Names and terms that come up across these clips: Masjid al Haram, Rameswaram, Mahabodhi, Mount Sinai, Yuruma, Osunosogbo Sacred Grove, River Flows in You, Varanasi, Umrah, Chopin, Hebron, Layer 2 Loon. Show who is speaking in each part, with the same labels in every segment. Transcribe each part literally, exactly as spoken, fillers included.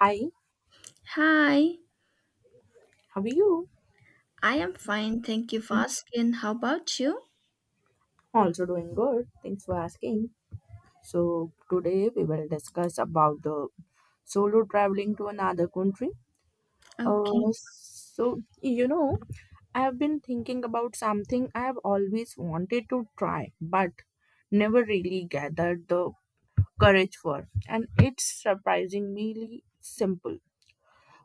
Speaker 1: Hi,
Speaker 2: Hi,
Speaker 1: how are you?
Speaker 2: I am fine. Thank you for asking. How about you?
Speaker 1: Also doing good. Thanks for asking. So today we will discuss about the solo traveling to another country. Uh,
Speaker 2: Okay.
Speaker 1: so you know, I have been thinking about something I have always wanted to try, but never really gathered the courage for, and it's surprisingly simple.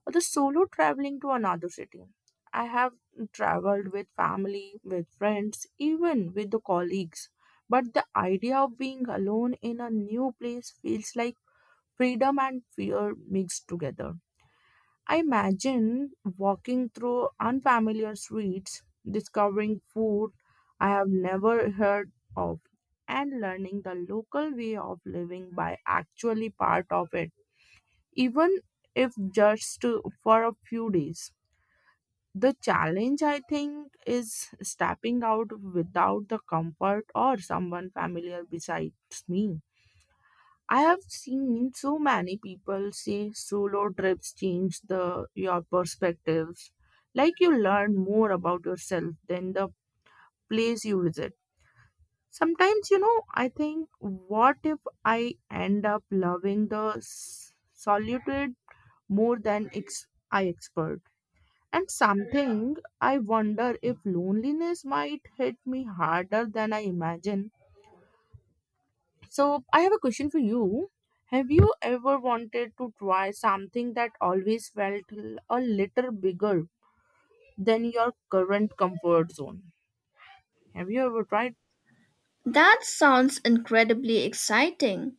Speaker 1: The solo traveling to another city. I have traveled with family, with friends, even with the colleagues. But the idea of being alone in a new place feels like freedom and fear mixed together. I imagine walking through unfamiliar streets, discovering food I have never heard of, and learning the local way of living by actually part of it, even if just for a few days. The challenge, I think, is stepping out without the comfort or someone familiar besides me. I have seen so many people say solo trips change the your perspectives. Like you learn more about yourself than the place you visit. Sometimes, you know, I think, what if I end up loving the s- solitude more than ex- I expert? And something I wonder if loneliness might hit me harder than I imagine. So I have a question for you. Have you ever wanted to try something that always felt l- a little bigger than your current comfort zone? Have you ever tried?
Speaker 2: That sounds incredibly exciting.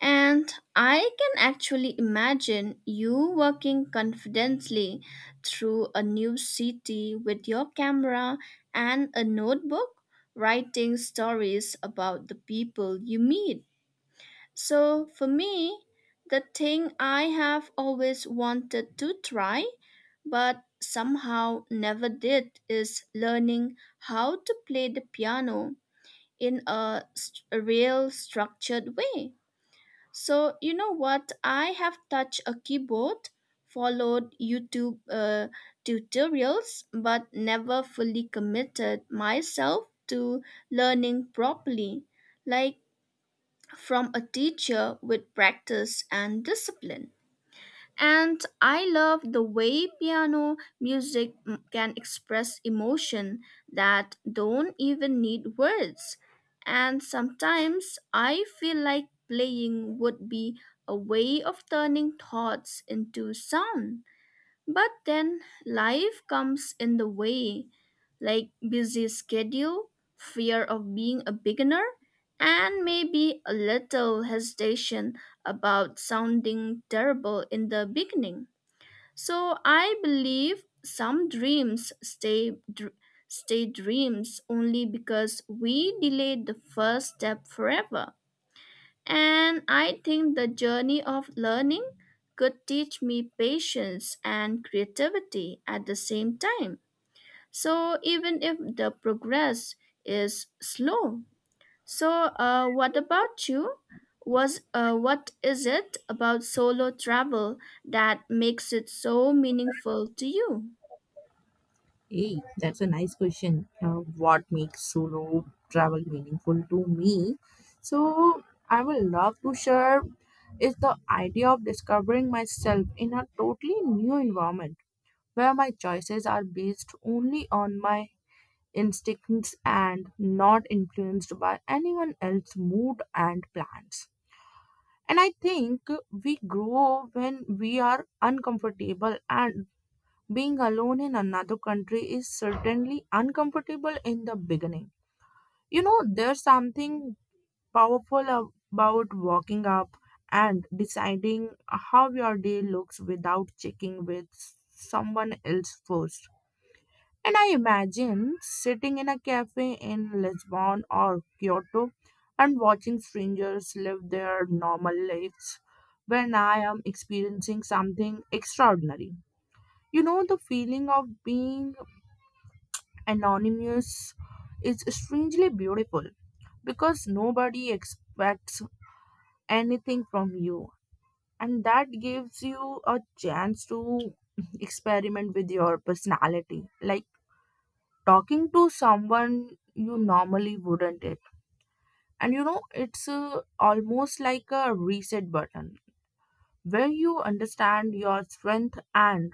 Speaker 2: And I can actually imagine you working confidently through a new city with your camera and a notebook, writing stories about the people you meet. So for me, the thing I have always wanted to try, but somehow never did, is learning how to play the piano in a, st- a real structured way. So you know what? I have touched a keyboard, followed YouTube uh, tutorials, but never fully committed myself to learning properly. Like from a teacher with practice and discipline. And I love the way piano music mm, can express emotion that don't even need words. And sometimes I feel like playing would be a way of turning thoughts into sound. But then life comes in the way, like busy schedule, fear of being a beginner, and maybe a little hesitation about sounding terrible in the beginning. So I believe some dreams stay dr- stay dreams only because we delayed the first step forever. And I think the journey of learning could teach me patience and creativity at the same time. So, even if the progress is slow. So, uh, what about you? Was uh, What is it about solo travel that makes it so meaningful to you?
Speaker 1: Hey, that's a nice question. Uh, what makes solo travel meaningful to me? So I will love to share is the idea of discovering myself in a totally new environment where my choices are based only on my instincts and not influenced by anyone else's mood and plans. And I think we grow when we are uncomfortable, and being alone in another country is certainly uncomfortable in the beginning. You know, there's something powerful about walking up and deciding how your day looks without checking with someone else first. And I imagine sitting in a cafe in Lisbon or Kyoto and watching strangers live their normal lives when I am experiencing something extraordinary. You know, the feeling of being anonymous is strangely beautiful because nobody expects anything from you, and that gives you a chance to experiment with your personality. Like, talking to someone you normally wouldn't it, and you know it's uh, almost like a reset button where you understand your strength and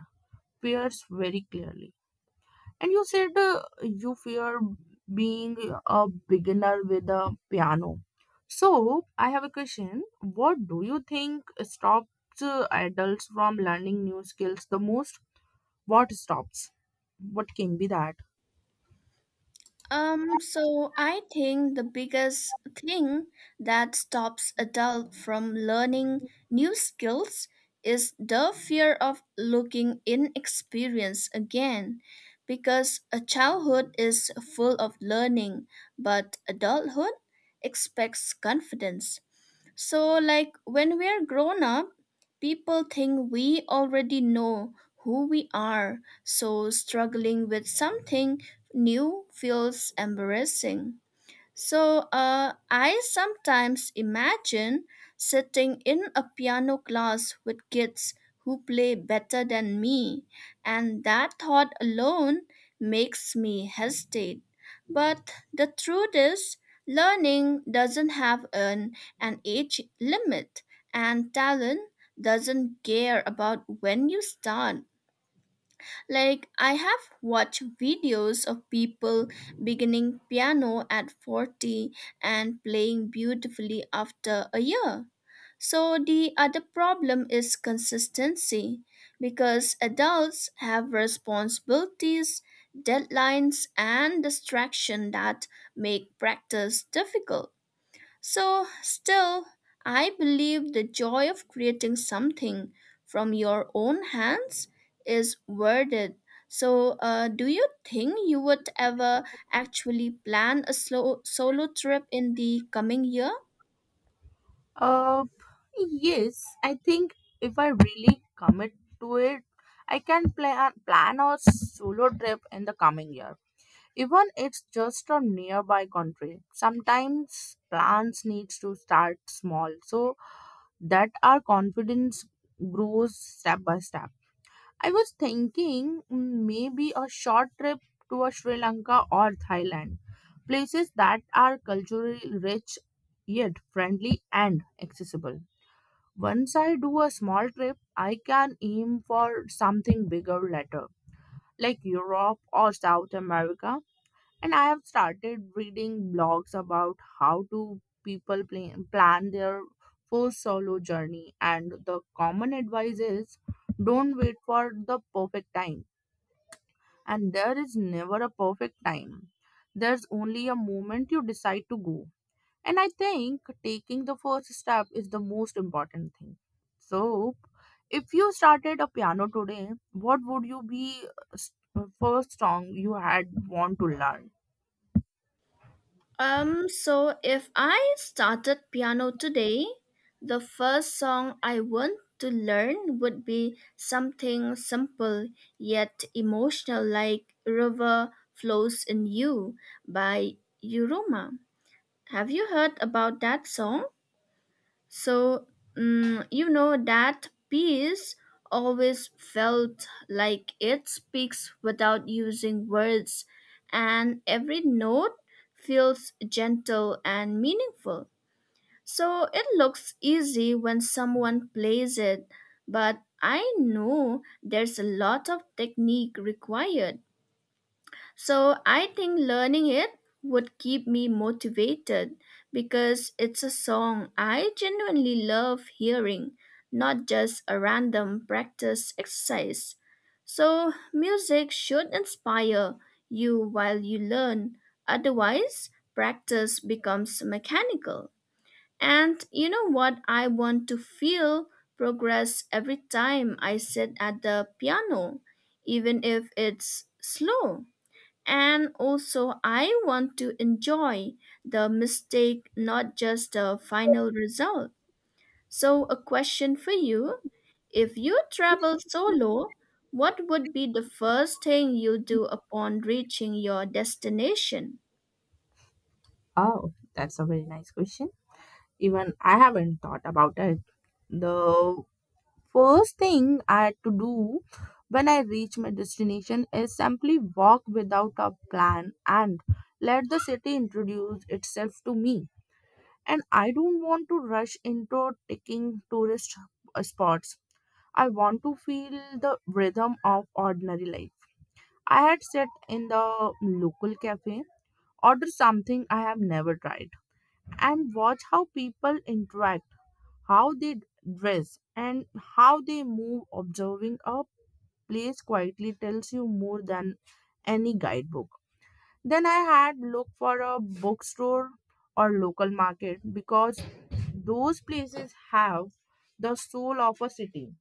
Speaker 1: fears very clearly. And you said uh, you fear being a beginner with a piano. So I have a question. What do you think stops uh, adults from learning new skills the most? What stops? What can be that?
Speaker 2: Um, so I think the biggest thing that stops adult from learning new skills is the fear of looking inexperienced again, because a childhood is full of learning, but adulthood expects confidence. So, like when we are grown up, people think we already know who we are, so struggling with something new feels embarrassing. So, uh, I sometimes imagine sitting in a piano class with kids who play better than me, and that thought alone makes me hesitate. But the truth is, learning doesn't have an, an age limit, and talent doesn't care about when you start. Like, I have watched videos of people beginning piano at forty and playing beautifully after a year. So, the other problem is consistency because adults have responsibilities, deadlines, and distraction that make practice difficult. So, still, I believe the joy of creating something from your own hands is worth it. So, uh, do you think you would ever actually plan a slow solo trip in the coming year?
Speaker 1: Uh, yes, I think if I really commit to it, I can plan plan a solo trip in the coming year. Even it's just a nearby country. Sometimes plans needs to start small so that our confidence grows step by step. I was thinking mm, maybe a short trip to a Sri Lanka or Thailand, places that are culturally rich yet friendly and accessible. Once I do a small trip, I can aim for something bigger later, like Europe or South America. And I have started reading blogs about how to people plan, plan their first solo journey. And the common advice is don't wait for the perfect time. And there is never a perfect time. There's only a moment you decide to go. And I think taking the first step is the most important thing. So, if you started a piano today, what would you be uh, s- uh, first song you had want to learn?
Speaker 2: Um, so if I started piano today, the first song I want to learn would be something simple yet emotional like River Flows in You by Yuruma. Have you heard about that song? So, mm, you know, that piece always felt like it speaks without using words, and every note feels gentle and meaningful. So, it looks easy when someone plays it, but I know there's a lot of technique required, so I think learning it would keep me motivated because it's a song I genuinely love hearing, not just a random practice exercise. So music should inspire you while you learn; otherwise, practice becomes mechanical. And you know what? I want to feel progress every time I sit at the piano, even if it's slow. And also, I want to enjoy the mistake, not just the final result. So, a question for you. If you travel solo, what would be the first thing you do upon reaching your destination?
Speaker 1: Oh, that's a very nice question. Even I haven't thought about it. The first thing I had to do when I reach my destination is simply walk without a plan and let the city introduce itself to me. And I don't want to rush into taking tourist uh, spots. I want to feel the rhythm of ordinary life. I had sat in the local cafe, ordered something I have never tried, and watch how people interact, how they dress, and how they move. Observing a place quietly tells you more than any guidebook. Then I had looked for a bookstore or local market because those places have the soul of a city.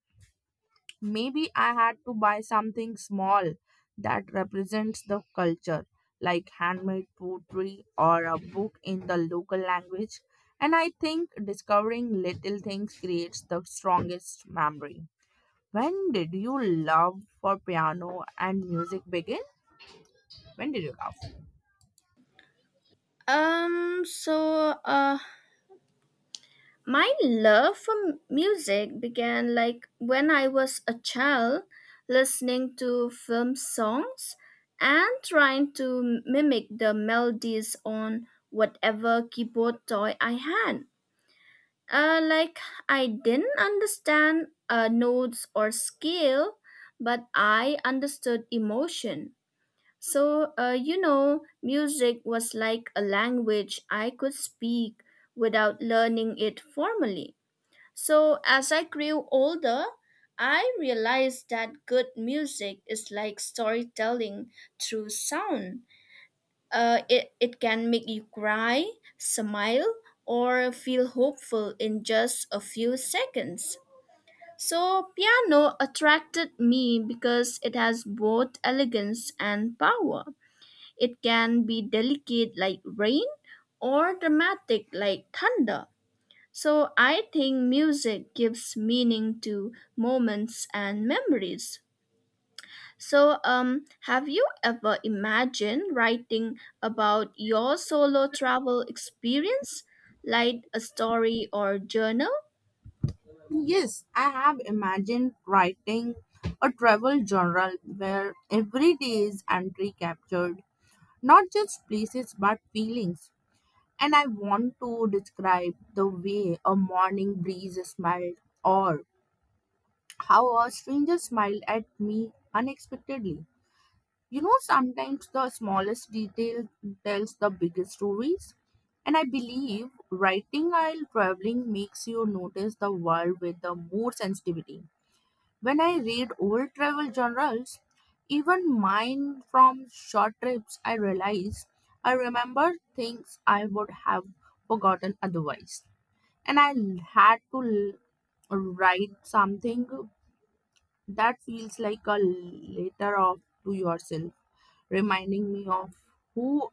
Speaker 1: Maybe I had to buy something small that represents the culture, like handmade poetry or a book in the local language. And I think discovering little things creates the strongest memory. When did you love for piano and music begin? When did you love?
Speaker 2: Um, so, uh, My love for m- music began like when I was a child, listening to film songs and trying to m- mimic the melodies on whatever keyboard toy I had. Uh, like I didn't understand uh, notes or scale, but I understood emotion. So, uh, you know, music was like a language I could speak without learning it formally. So, as I grew older, I realized that good music is like storytelling through sound. Uh, it, it can make you cry, smile, or feel hopeful in just a few seconds. So, piano attracted me because it has both elegance and power. It can be delicate like rain or dramatic like thunder, so I think music gives meaning to moments and memories. So, um have you ever imagined writing about your solo travel experience like a story or journal?
Speaker 1: Yes, I have imagined writing a travel journal where every day is entry captured, not just places but feelings. And I want to describe the way a morning breeze smelled or how a stranger smiled at me unexpectedly. You know, sometimes the smallest detail tells the biggest stories. And I believe writing while traveling makes you notice the world with the more sensitivity. When I read old travel journals, even mine from short trips, I realize I remember things I would have forgotten otherwise. And I l- had to l- write something that feels like a letter of to yourself, reminding me of who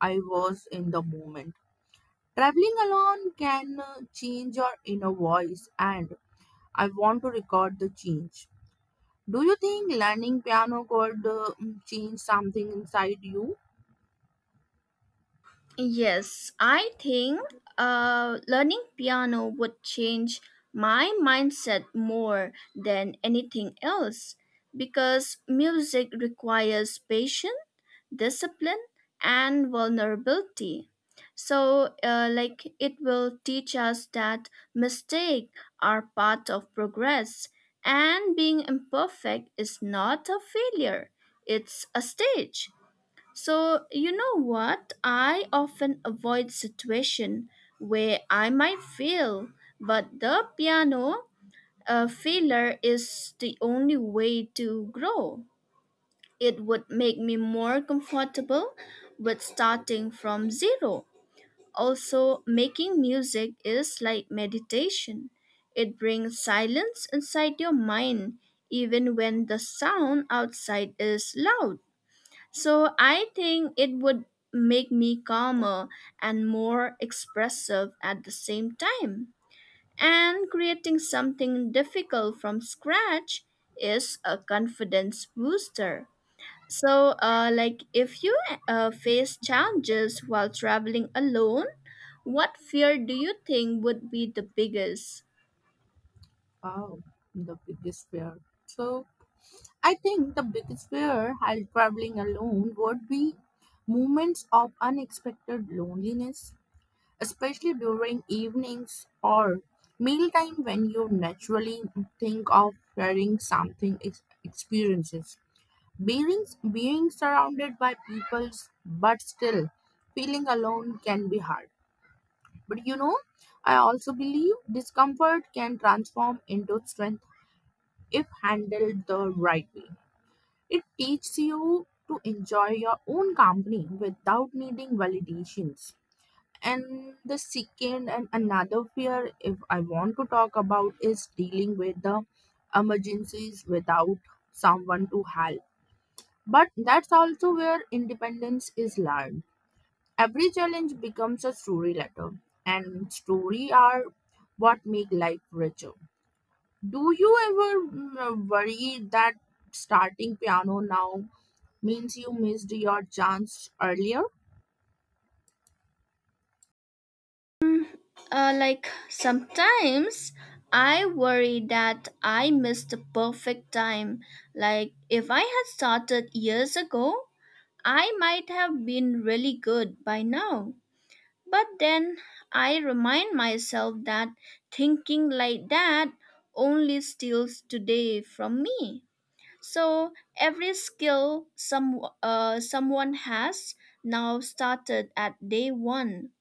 Speaker 1: I was in the moment. Traveling alone can uh, change your inner voice, and I want to record the change. Do you think learning piano could uh, mm, change something inside you?
Speaker 2: Yes, I think uh, learning piano would change my mindset more than anything else because music requires patience, discipline, and vulnerability. So, uh, like, it will teach us that mistakes are part of progress and being imperfect is not a failure, it's a stage. So, you know what? I often avoid situation where I might fail, but the piano uh, failure is the only way to grow. It would make me more comfortable with starting from zero. Also, making music is like meditation. It brings silence inside your mind even when the sound outside is loud. So I think it would make me calmer and more expressive at the same time. And creating something difficult from scratch is a confidence booster. So, uh, like if you uh, face challenges while traveling alone, what fear do you think would be the biggest?
Speaker 1: Wow, the biggest fear. So, I think the biggest fear while traveling alone would be moments of unexpected loneliness, especially during evenings or mealtime when you naturally think of sharing something ex- experiences. Being, being surrounded by people but still feeling alone can be hard. But you know, I also believe discomfort can transform into strength if handled the right way. It teaches you to enjoy your own company without needing validations. And the second and another fear, if I want to talk about, is dealing with the emergencies without someone to help. But that's also where independence is learned. Every challenge becomes a story later, and stories are what make life richer. Do you ever mm, worry that starting piano now means you missed your chance earlier?
Speaker 2: Uh, like sometimes I worry that I missed the perfect time. Like if I had started years ago, I might have been really good by now. But then I remind myself that thinking like that only steals today from me. So every skill some uh, someone has now started at day one.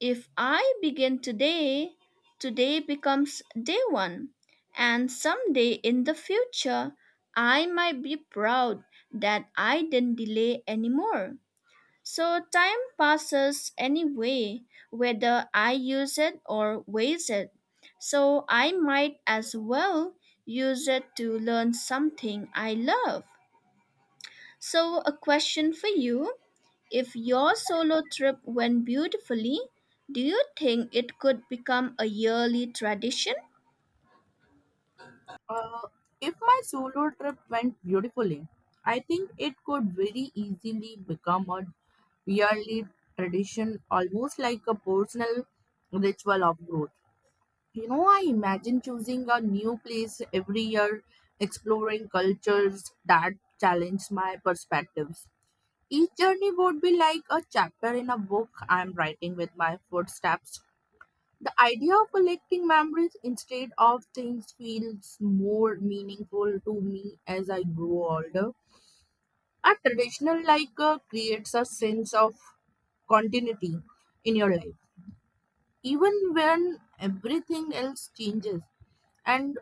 Speaker 2: If I begin today, today becomes day one, and someday in the future, I might be proud that I didn't delay anymore. So time passes anyway, whether I use it or waste it. So I might as well use it to learn something I love. So, a question for you. If your solo trip went beautifully, do you think it could become a yearly tradition?
Speaker 1: Uh, if my solo trip went beautifully, I think it could very easily become a yearly tradition, almost like a personal ritual of growth. You know, I imagine choosing a new place every year, exploring cultures that challenge my perspectives. Each journey would be like a chapter in a book I'm writing with my footsteps. The idea of collecting memories instead of things feels more meaningful to me as I grow older. A traditional like uh, creates a sense of continuity in your life, even when everything else changes. And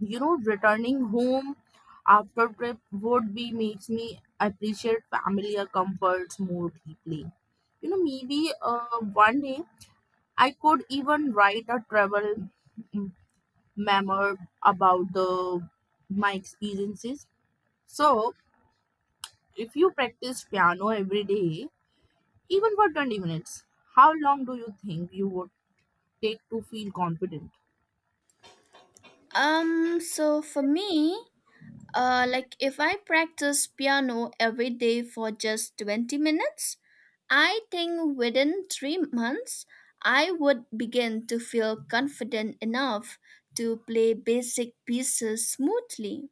Speaker 1: you know, returning home after trip would be makes me appreciate family or comforts more deeply. You know, maybe uh, one day I could even write a travel mm, memoir about the my experiences. So if you practice piano every day even for twenty minutes, how long do you think you would take to feel confident?
Speaker 2: Um, so for me, uh, like if I practice piano every day for just twenty minutes, I think within three months, I would begin to feel confident enough to play basic pieces smoothly.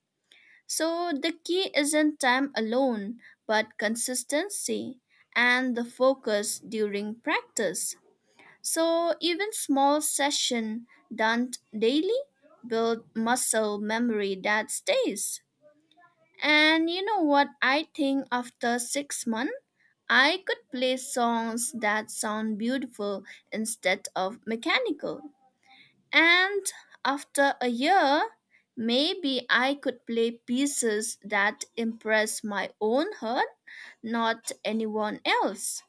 Speaker 2: So the key isn't time alone, but consistency and the focus during practice. So even small session done daily build muscle memory that stays. And you know what? I think after six months I could play songs that sound beautiful instead of mechanical. And after a year, maybe I could play pieces that impress my own heart, not anyone else.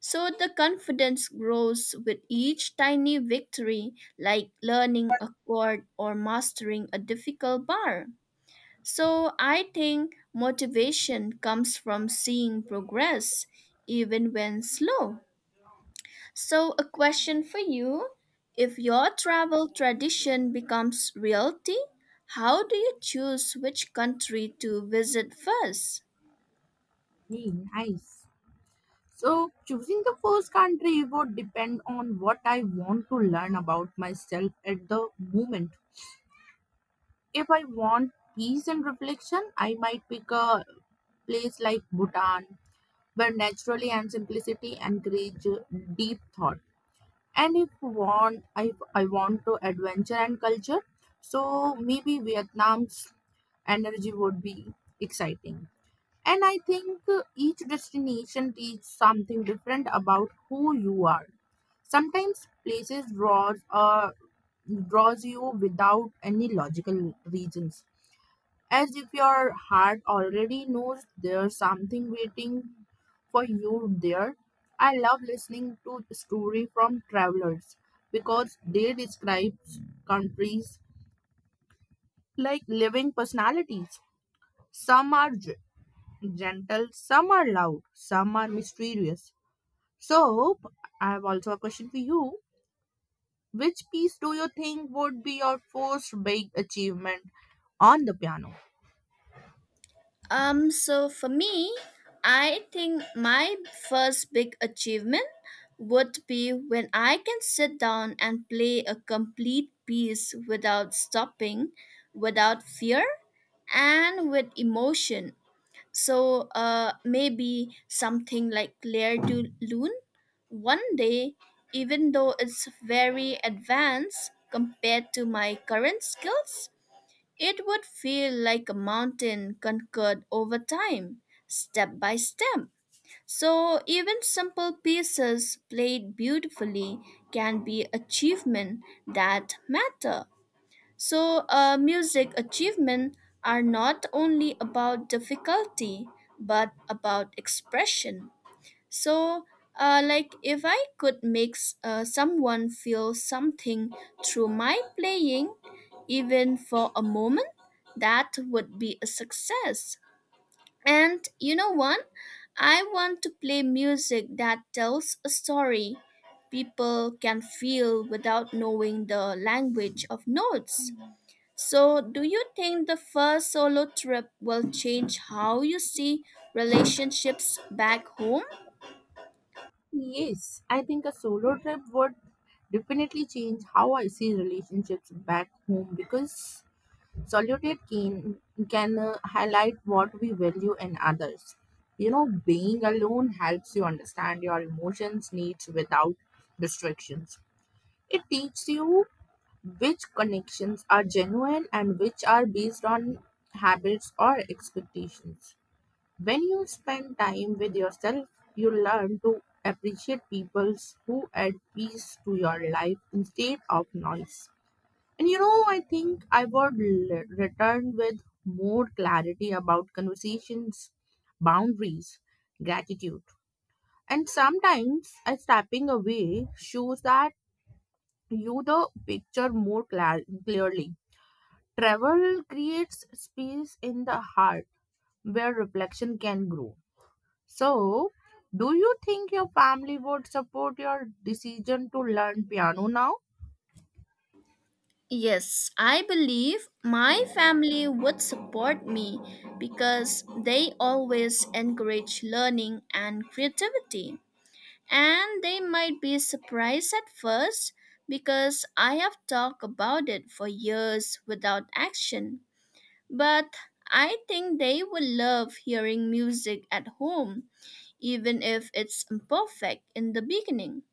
Speaker 2: So the confidence grows with each tiny victory, like learning a chord or mastering a difficult bar. So I think motivation comes from seeing progress, even when slow. So, a question for you. If your travel tradition becomes reality, how do you choose which country to visit first?
Speaker 1: Hey, nice. So, choosing the first country would depend on what I want to learn about myself at the moment. If I want peace and reflection, I might pick a place like Bhutan, where naturally and simplicity encourage deep thought. And if want, if I want to adventure and culture, so maybe Vietnam's energy would be exciting. And I think uh, each destination teaches something different about who you are. Sometimes places draws uh, draws you without any logical reasons, as if your heart already knows there's something waiting for you there. I love listening to story from travelers because they describe countries like living personalities. Some are j- gentle, some are loud, some are mysterious. So, I have also a question for you. Which piece do you think would be your first big achievement on the piano?
Speaker 2: Um, so for me, I think my first big achievement would be when I can sit down and play a complete piece without stopping, without fear, and with emotion. So, uh, maybe something like Layer two Loon? One day, even though it's very advanced compared to my current skills, it would feel like a mountain conquered over time, step by step. So even simple pieces played beautifully can be achievement that matter. So, uh, music achievement are not only about difficulty but about expression. So, uh, like if I could make s- uh, someone feel something through my playing, even for a moment, that would be a success. And you know what? I want to play music that tells a story people can feel without knowing the language of notes. So, do you think the first solo trip will change how you see relationships back home?
Speaker 1: Yes, I think a solo trip would definitely change how I see relationships back home because solitude can can uh, highlight what we value in others. You know, being alone helps you understand your emotions needs without distractions. It teaches you which connections are genuine and which are based on habits or expectations. When you spend time with yourself, you learn to appreciate people who add peace to your life instead of noise. And you know, I think I would l- return with more clarity about conversations, boundaries, gratitude. And sometimes a stepping away shows that you the picture more clar- clearly. Travel creates space in the heart where reflection can grow. So, do you think your family would support your decision to learn piano now?
Speaker 2: Yes, I believe my family would support me because they always encourage learning and creativity. And they might be surprised at first because I have talked about it for years without action. But I think they would love hearing music at home even if it's imperfect in the beginning.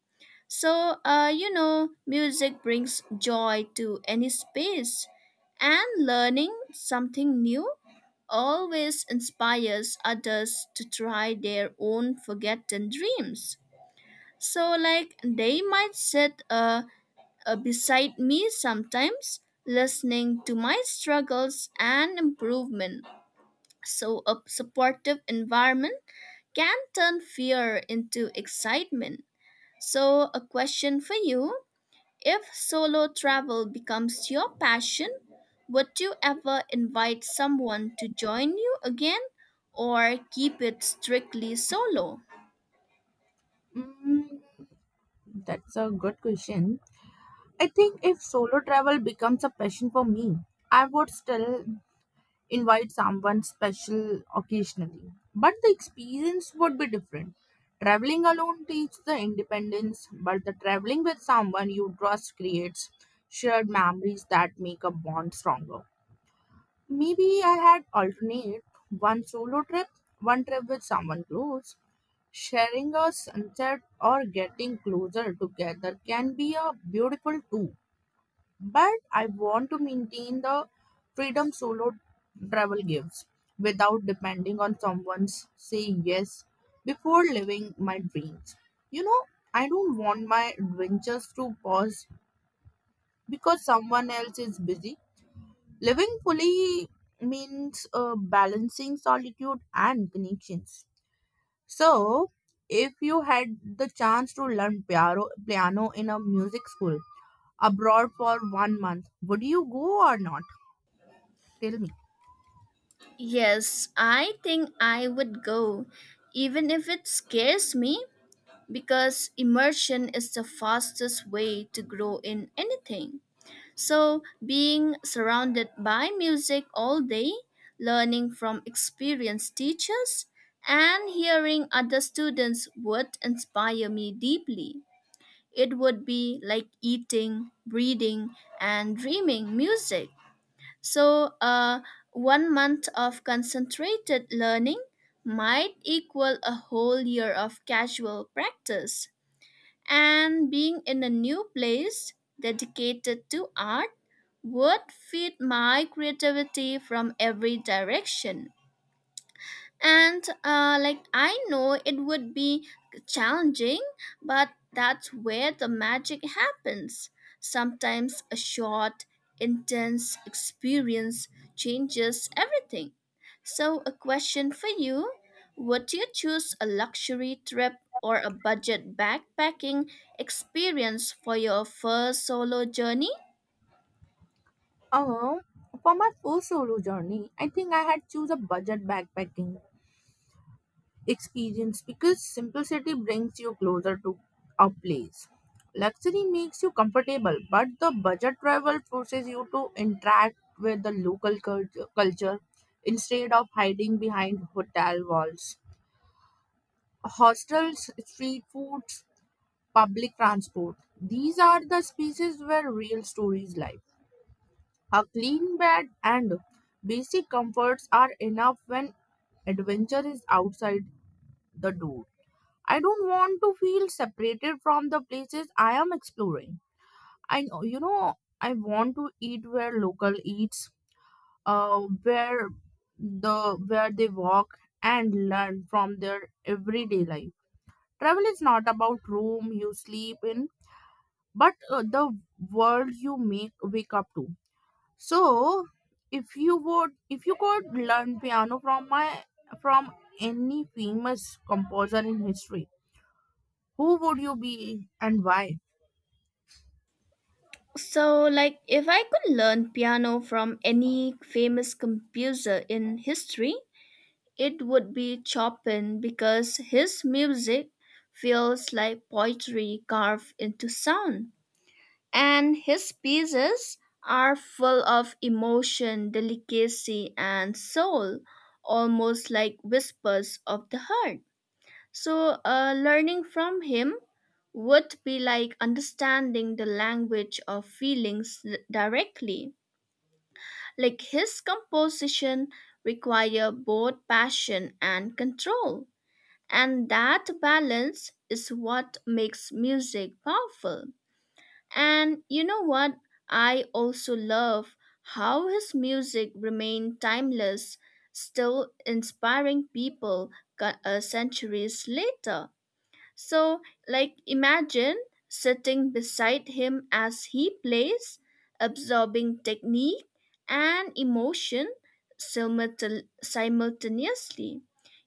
Speaker 2: So, uh, you know, music brings joy to any space, and learning something new always inspires others to try their own forgotten dreams. So, like, they might sit uh, uh, beside me sometimes, listening to my struggles and improvement. So, a supportive environment can turn fear into excitement. So, a question for you. If solo travel becomes your passion, would you ever invite someone to join you again or keep it strictly solo?
Speaker 1: Mm, that's a good question. I think if solo travel becomes a passion for me, I would still invite someone special occasionally. But the experience would be different. Traveling alone teaches the independence, but the traveling with someone you trust creates shared memories that make a bond stronger. Maybe I had alternate one solo trip, one trip with someone close. Sharing a sunset or getting closer together can be a beautiful too. But I want to maintain the freedom solo travel gives without depending on someone's saying yes before living my dreams. You know, I don't want my adventures to pause because someone else is busy. Living fully means uh, balancing solitude and connections. So, if you had the chance to learn piano, piano in a music school abroad for one month, would you go or not? Tell me.
Speaker 2: Yes, I think I would go, even if it scares me, because immersion is the fastest way to grow in anything. So, being surrounded by music all day, learning from experienced teachers, and hearing other students would inspire me deeply. It would be like eating, breathing, and dreaming music. So, uh, one month of concentrated learning might equal a whole year of casual practice, and being in a new place dedicated to art would feed my creativity from every direction. And uh, like, I know it would be challenging, but that's where the magic happens. Sometimes a short, intense experience changes everything. So, a question for you. Would you choose a luxury trip or a budget backpacking experience for your first solo journey?
Speaker 1: Uh, for my first solo journey, I think I had choose a budget backpacking experience because simplicity brings you closer to a place. Luxury makes you comfortable, but the budget travel forces you to interact with the local culture, culture instead of hiding behind hotel walls. Hostels, street foods, public transport. These are the spaces where real stories lie. A clean bed and basic comforts are enough when adventure is outside the door. I don't want to feel separated from the places I am exploring. I know, you know, I want to eat where local eats, uh, where the where they walk and learn from their everyday life. Travel is not about room you sleep in, but uh, the world you make wake up to. So, if you would, if you could learn piano from my from any famous composer in history, who would you be and why?
Speaker 2: So, like, if I could learn piano from any famous composer in history, it would be Chopin because his music feels like poetry carved into sound. And his pieces are full of emotion, delicacy, and soul, almost like whispers of the heart. So, uh, learning from him would be like understanding the language of feelings d- directly. Like, his composition require both passion and control. And that balance is what makes music powerful. And you know what? I also love how his music remained timeless, still inspiring people co- uh, centuries later. So, like, imagine sitting beside him as he plays, absorbing technique and emotion simultan- simultaneously.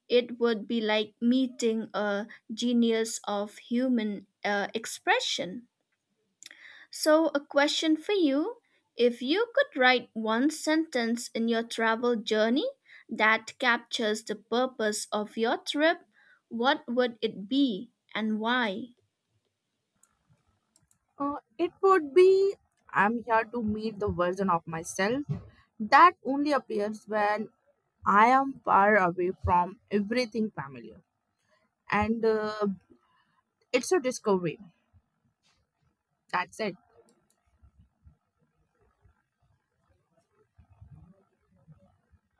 Speaker 2: It would be like meeting a genius of human uh, expression. So, a question for you. If you could write one sentence in your travel journey that captures the purpose of your trip, what would it be and why?
Speaker 1: Uh, it would be I'm here to meet the version of myself that only appears when I am far away from everything familiar, and uh, it's a discovery. That's it.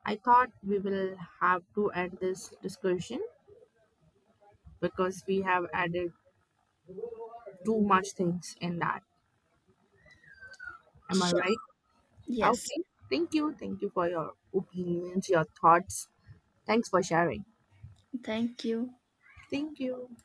Speaker 1: I thought we will have to end this discussion because we have added too much things in that. Am I
Speaker 2: Sure.
Speaker 1: right?
Speaker 2: Yes.
Speaker 1: Okay. Thank you. Thank you for your opinions, your thoughts. Thanks for sharing.
Speaker 2: Thank you.
Speaker 1: Thank you.